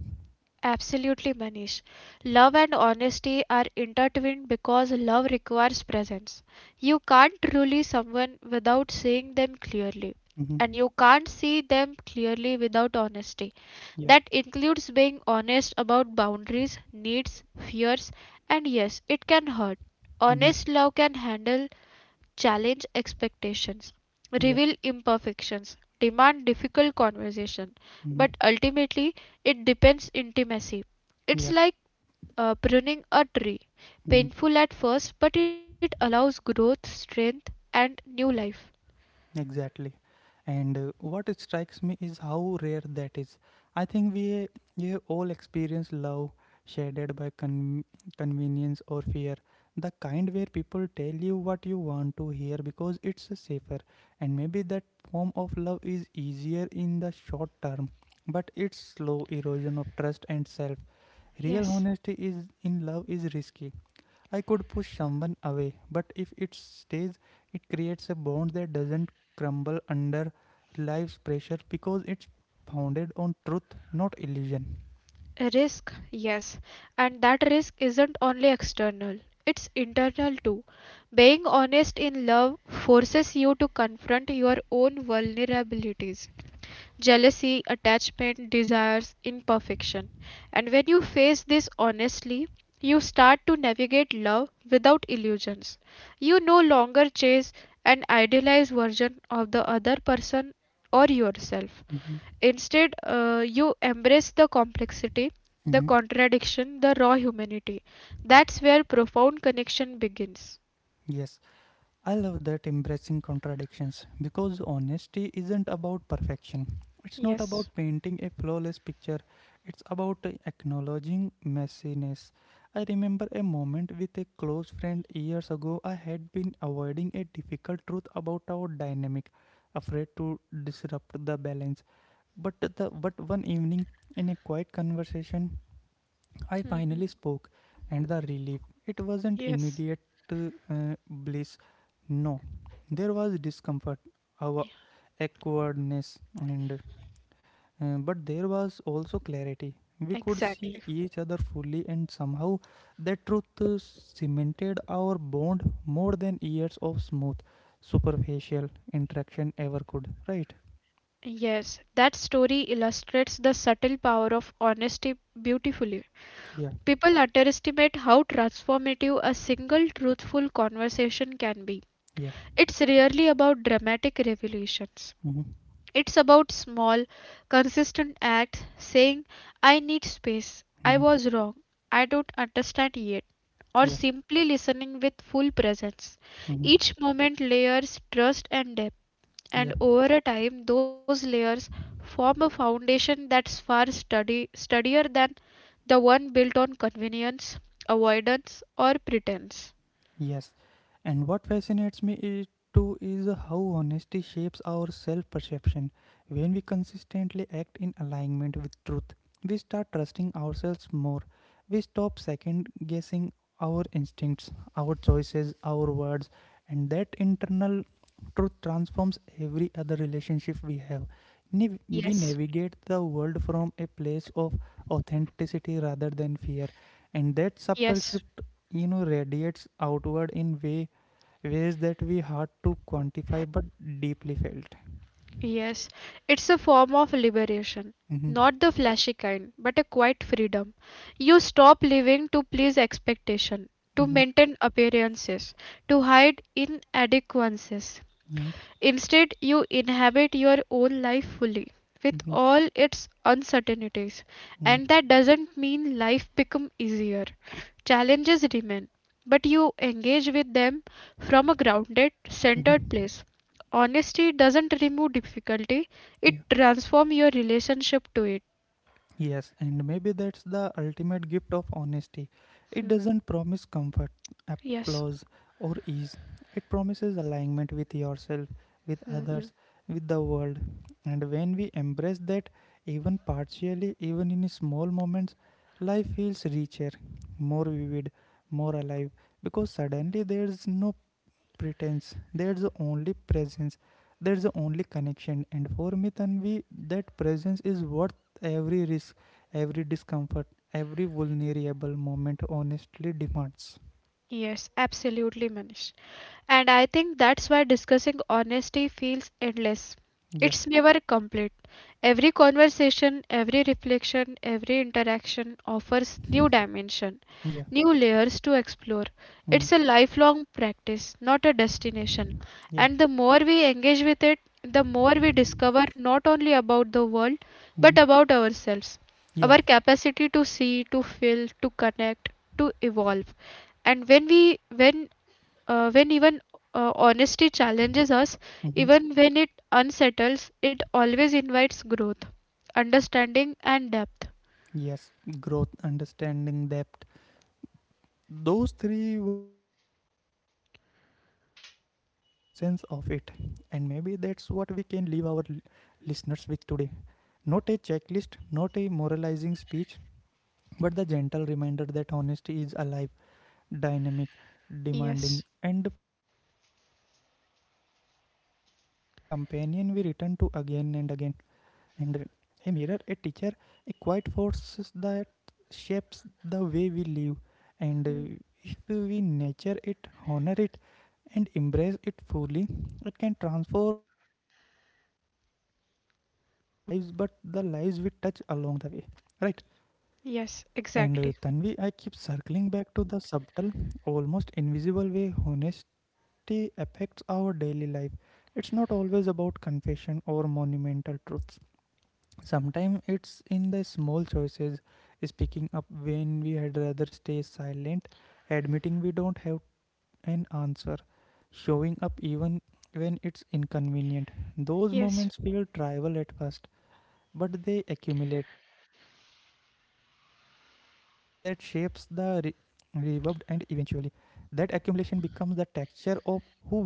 B: Absolutely, Manish. Love and honesty are intertwined because love requires presence. You can't truly someone without seeing them clearly,
A: Mm-hmm.
B: and you can't see them clearly without honesty.
A: Yeah.
B: That includes being honest about boundaries, needs, fears, and yes, it can hurt.
A: Mm-hmm.
B: Honest love can handle challenge expectations,
A: Yeah.
B: reveal imperfections, demand difficult conversation,
A: Mm-hmm.
B: but ultimately it depends intimacy. It's
A: Yeah.
B: like pruning a tree,
A: Mm-hmm.
B: painful at first, but it allows growth, strength, and new life.
A: Exactly. And what strikes me is how rare that is. I think we all experience love shaded by convenience or fear. The kind where people tell you what you want to hear because it's safer. And maybe that form of love is easier in the short term, but it's slow erosion of trust and self. Real
B: Yes.
A: honesty is in love is risky. I could push someone away, but if it stays, it creates a bond that doesn't crumble under life's pressure because it's founded on truth, not illusion.
B: Risk, yes, and that risk isn't only external, it's internal too. Being honest in love forces you to confront your own vulnerabilities. Jealousy, attachment, desires, imperfection. And when you face this honestly, you start to navigate love without illusions. You no longer chase an idealized version of the other person or yourself.
A: Mhm.
B: Instead, you embrace the complexity, the
A: Mhm.
B: contradiction, the raw humanity. That's where profound connection begins.
A: Yes. I love that embracing contradictions because honesty isn't about perfection. It's not about painting a flawless picture, it's about acknowledging messiness. I remember a moment with a close friend years ago. I had been avoiding a difficult truth about our dynamic, afraid to disrupt the balance. But one evening in a quiet conversation, I finally spoke, and the relief. It wasn't immediate bliss. No, there was discomfort, our awkwardness, and but there was also clarity. We could see
B: Exactly.
A: each other fully, and somehow that truth cemented our bond more than years of smooth, superficial interaction ever could. Right?
B: Yes, that story illustrates the subtle power of honesty beautifully.
A: Yeah.
B: People underestimate how transformative a single truthful conversation can be.
A: Yeah.
B: It's rarely about dramatic revelations.
A: Mm-hmm.
B: It's about small, consistent acts saying, I need space, I
A: Mm-hmm.
B: was wrong, I don't understand yet, or
A: Yeah.
B: simply listening with full presence.
A: Mm-hmm.
B: Each moment layers trust and depth,
A: Yeah.
B: and over a time those layers form a foundation that's far sturdier than the one built on convenience, avoidance, or pretense.
A: Yes, and what fascinates me is too is how honesty shapes our self perception. When we consistently act in alignment with truth, we start trusting ourselves more. We stop second guessing our instincts, our choices, our words, and that internal truth transforms every other relationship we have. We navigate the world from a place of authenticity rather than fear, and that subtle shift radiates outward in way ways that we hard to quantify but deeply felt.
B: Yes, it's a form of liberation.
A: Mm-hmm.
B: Not the flashy kind, but a quiet freedom. You stop living to please expectation, to
A: Mm-hmm.
B: maintain appearances, to hide inadequacies.
A: Mm-hmm.
B: Instead, you inhabit your own life fully with
A: Mm-hmm.
B: all its uncertainties. And that doesn't mean life become easier. Challenges remain, but you engage with them from a grounded, centered
A: Mm-hmm.
B: place. Honesty doesn't remove difficulty, it
A: Yeah.
B: transforms your relationship to it.
A: Yes, and maybe that's the ultimate gift of honesty. It doesn't promise comfort, applause, or ease. It promises alignment with yourself, with others, with the world. And when we embrace that, even partially, even in small moments, life feels richer, more vivid, more alive, because suddenly there's no pretense. There's the only presence. There's the only connection. And for me, Tanvi, that presence is worth every risk, every discomfort, every vulnerable moment. Honestly, demands.
B: Yes, absolutely, Manish. And I think that's why discussing honesty feels endless.
A: Yeah.
B: It's never complete. Every conversation, every reflection, every interaction offers new dimension,
A: Yeah.
B: new layers to explore.
A: Mm.
B: It's a lifelong practice, not a destination.
A: Yeah.
B: And the more we engage with it, the more we discover not only about the world, but
A: Hmm.
B: about ourselves,
A: Yeah.
B: our capacity to see, to feel, to connect, to evolve. And when we when even honesty challenges us,
A: Hmm.
B: even when it unsettles, it always invites growth, understanding, and depth.
A: Yes. Growth, understanding, depth. Those three words feels like the essence of it, and maybe that's what we can leave our listeners with today. Not a checklist, not a moralizing speech, but the gentle reminder that honesty is alive, dynamic, demanding, and profoundly human. It's a companion we return to again and again, and a mirror, a teacher, a quiet force that shapes the way we live. And if we nurture it, honor it, and embrace it fully, it can transform not only our lives but the lives we touch along the way. Right? And Tanvi, I keep circling back to the subtle, almost invisible way honesty affects our daily life. It's not always about confession or monumental truths. Sometimes it's in the small choices: speaking up when we had rather stay silent, admitting we don't have an answer, showing up even when it's inconvenient. Those moments feel trivial at first, but they accumulate like tiny drops that shapes the reverb, and eventually that accumulation becomes the texture of who we are,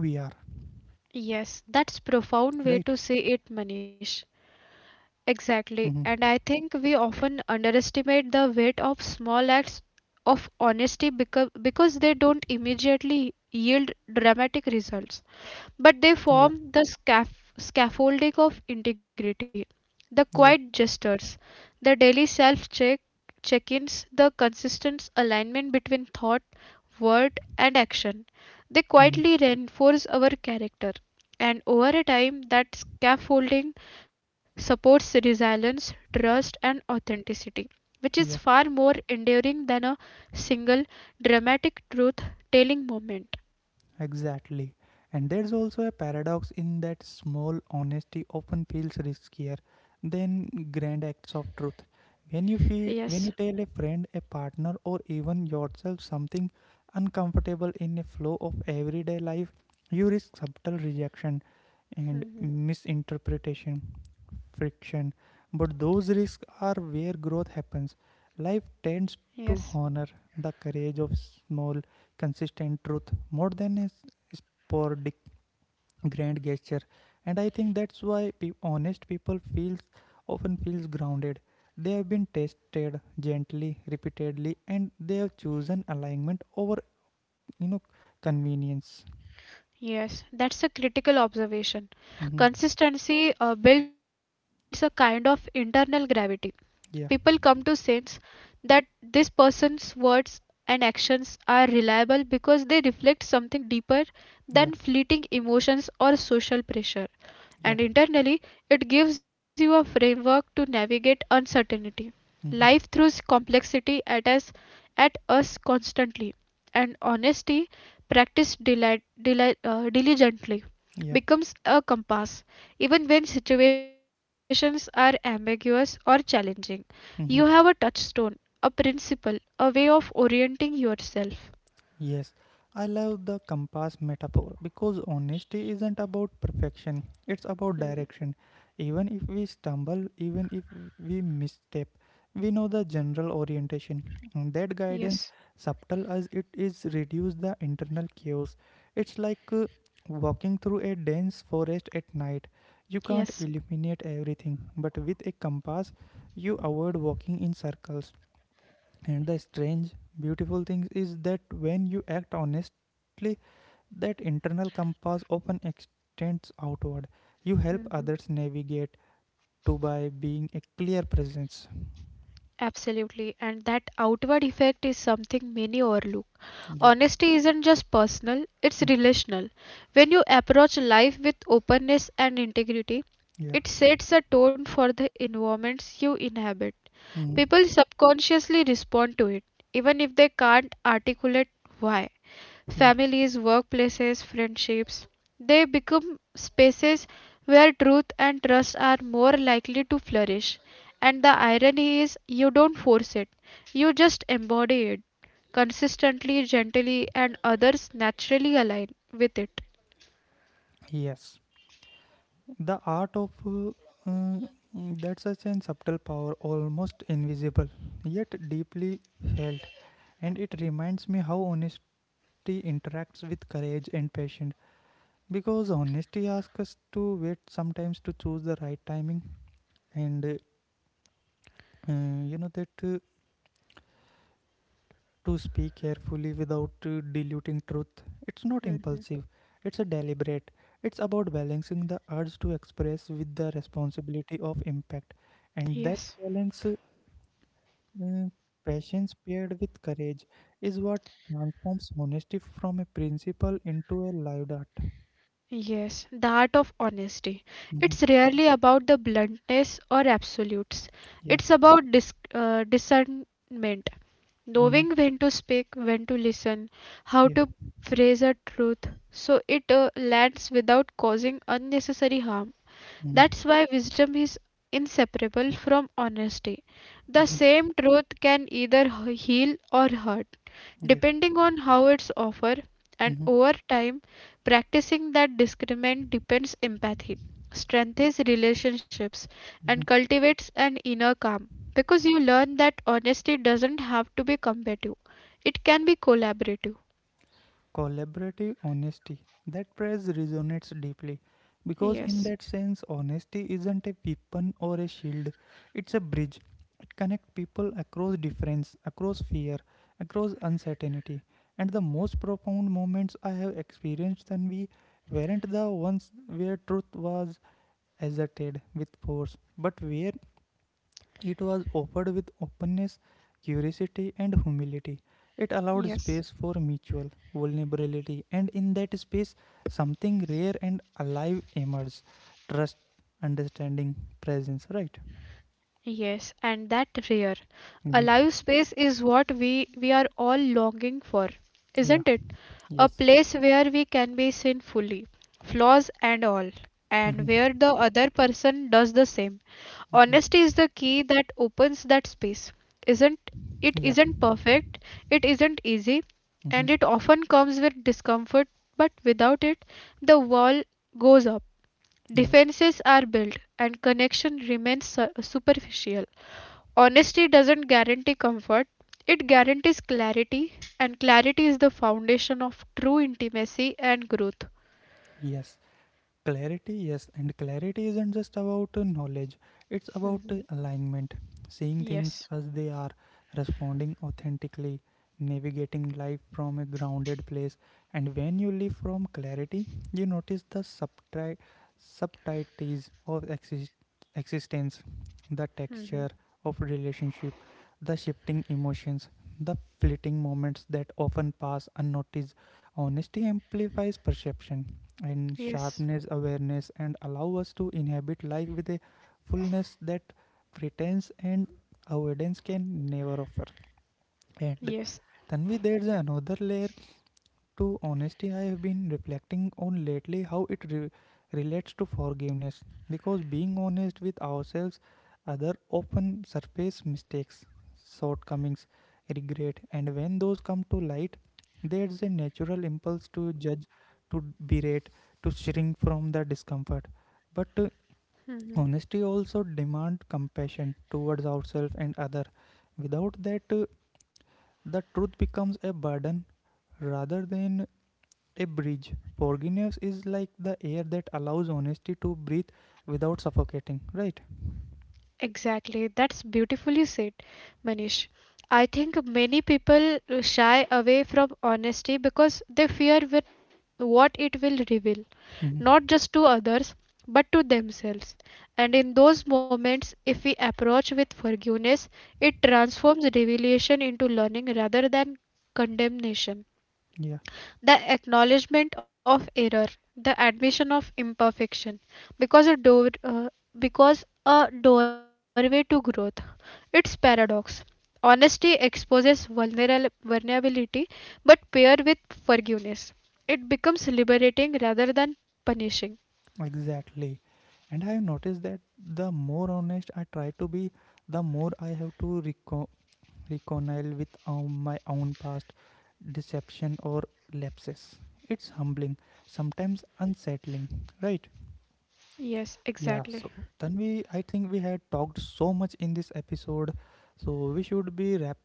B: Yes, that's profound way
A: right?
B: to say it, Manish. Exactly.
A: Mm-hmm.
B: And I think we often underestimate the weight of small acts of honesty because they don't immediately yield dramatic results, but they
A: Yeah,
B: form the scaffolding of integrity. The quiet
A: yeah,
B: gestures, the daily self check ins, the consistent alignment between thought, word, and action, they
A: mm-hmm.
B: quietly reinforce our character. And over a time, that scaffolding supports resilience, trust, and authenticity, which is
A: Yeah.
B: far more enduring than a single dramatic truth telling moment.
A: Exactly. And there's also a paradox in that small honesty often feels riskier than grand acts of truth. When you tell a friend, a partner or even yourself something uncomfortable in a flow of everyday life, you risk subtle rejection and
B: Mhm.
A: misinterpretation, friction. But those risks are where growth happens. Life tends to honor the courage of small consistent truth more than a sporadic grand gesture, and I think that's why honest people feels often feels grounded. They have been tested gently repeatedly and they have chosen alignment over you know convenience.
B: Yes, that's a critical observation.
A: Hmm.
B: Consistency builds a kind of internal gravity. People come to
A: Yeah.
B: sense that this person's words and actions are reliable because they reflect something deeper than
A: Yeah.
B: fleeting emotions or social pressure, and
A: Yeah.
B: internally it gives you a framework to navigate uncertainty. Life
A: Hmm.
B: throws complexity at us constantly, and honesty, practiced diligently,
A: Yeah.
B: becomes a compass. Even when situations are ambiguous or challenging, you have a
A: Hmm.
B: touchstone, a principle, a way of orienting yourself.
A: Yes, I love the compass metaphor because honesty isn't about perfection, it's about
B: Hmm.
A: direction. Even if we stumble, even if we misstep, we know the general orientation. And that guidance, subtle as it is, reduces the internal chaos. It's like walking through a dense forest at night. You can't illuminate everything, but with a compass, you avoid walking in circles. And the strange, beautiful thing is that when you act honestly, that internal compass often extends outward. You help others navigate to by being a clear presence.
B: Absolutely, and that outward effect is something many overlook.
A: Yeah.
B: Honesty isn't just personal, it's
A: Mm.
B: relational. When you approach life with openness and integrity,
A: Yeah.
B: it sets a tone for the environments you inhabit.
A: Mm.
B: People subconsciously respond to it, even if they can't articulate why.
A: Yeah.
B: Families, workplaces, friendships, they become spaces where truth and trust are more likely to flourish. And the irony is, you don't force it, you just embody it consistently, gently, and others naturally align with it.
A: Yes. The art of uh, that such an subtle power, almost invisible, yet deeply felt. And it reminds me how honesty interacts with courage and patience. Because honesty asks us to wait sometimes, to choose the right timing, and you know that to speak carefully without diluting truth. It's not impulsive, it's a deliberate. It's about balancing the urge to express with the responsibility of impact, and that balance, uh, patience paired with courage, is what transforms honesty from a principle into a lived art.
B: Yes, the art of honesty.
A: Mhm.
B: It's rarely about the bluntness or absolutes.
A: Yeah.
B: It's about discernment,
A: Mhm.
B: knowing when to speak, when to listen, how
A: Yeah.
B: to phrase a truth so it lands without causing unnecessary harm.
A: Mhm.
B: That's why wisdom is inseparable from honesty. The
A: Mhm.
B: same truth can either heal or hurt
A: Yeah.
B: depending on how it's offered, and
A: Mhm.
B: over time, practicing that discernment deepens empathy, strengthens relationships, and
A: Mhm.
B: cultivates an inner calm. Because you learn that honesty doesn't have to be combative, it can be collaborative.
A: Collaborative honesty. That phrase resonates deeply because, in that sense, honesty isn't a weapon or a shield, it's a bridge. It connects people across difference, across fear, across uncertainty. And the most profound moments I have experienced then we weren't the ones where truth was asserted with force, but where it was offered with openness, curiosity, and humility. It allowed space for mutual vulnerability, and in that space, something rare and alive emerged: trust, understanding, presence, right?
B: Yes, and that rare. A
A: Hmm.
B: live space is what we are all longing for,
A: Yeah,
B: isn't it? A
A: yes.
B: place where we can be seen fully, flaws and all, and
A: Hmm.
B: where the other person does the same.
A: Yeah,
B: Honesty is the key that opens that space. Isn't it
A: yeah.
B: isn't perfect, it isn't easy,
A: Hmm.
B: and it often comes with discomfort, but without it the wall goes up.
A: Yes,
B: Defenses are built and connection remains superficial. Honesty doesn't guarantee comfort, it guarantees clarity, and clarity is the foundation of true intimacy and growth.
A: yes. Clarity, yes, and clarity isn't just about knowledge, it's about alignment, seeing things as they are, responding authentically, navigating life from a grounded place. And when you live from clarity, you notice the subtleties of existence, the texture of relationship, the shifting emotions, the fleeting moments that often pass unnoticed. Honesty amplifies perception and sharpness awareness and allow us to inhabit life with a fullness that pretense and avoidance can never offer. And Tanvi, there's another layer to honesty, I have been reflecting on lately how it relates to forgiveness, because being honest with ourselves, other often surface mistakes, shortcomings, regret, and when those come to light, there's a natural impulse to judge, to berate, to shrink from the discomfort. But
B: Mhm.
A: honesty also demands compassion towards ourselves and other. Without that, the truth becomes a burden rather than a bridge. Forgiveness is like the air that allows honesty to breathe without suffocating, right?
B: Exactly. That's beautifully said, Manish. I think many people shy away from honesty because they fear with what it will reveal,
A: Mhm.
B: not just to others, but to themselves. And in those moments, if we approach with forgiveness, it transforms revelation into learning rather than condemnation,
A: Yeah,
B: the acknowledgement of error, the admission of imperfection, because because a doorway to growth. It's paradox: honesty exposes vulnerability, but paired with forgiveness it becomes liberating rather than punishing.
A: exactly. And I have noticed that the more honest I try to be, the more I have to reconcile with my own past deception or lapses. It's humbling, sometimes unsettling, right? Yeah,
B: Exactly.
A: so then we I think we had talked so much in this episode, so we should be wrap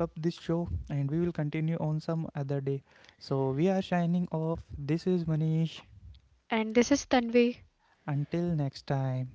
A: up this show and we will continue on some other day. So we are shining off. This is Manish.
B: And this is Tanvi.
A: Until next time.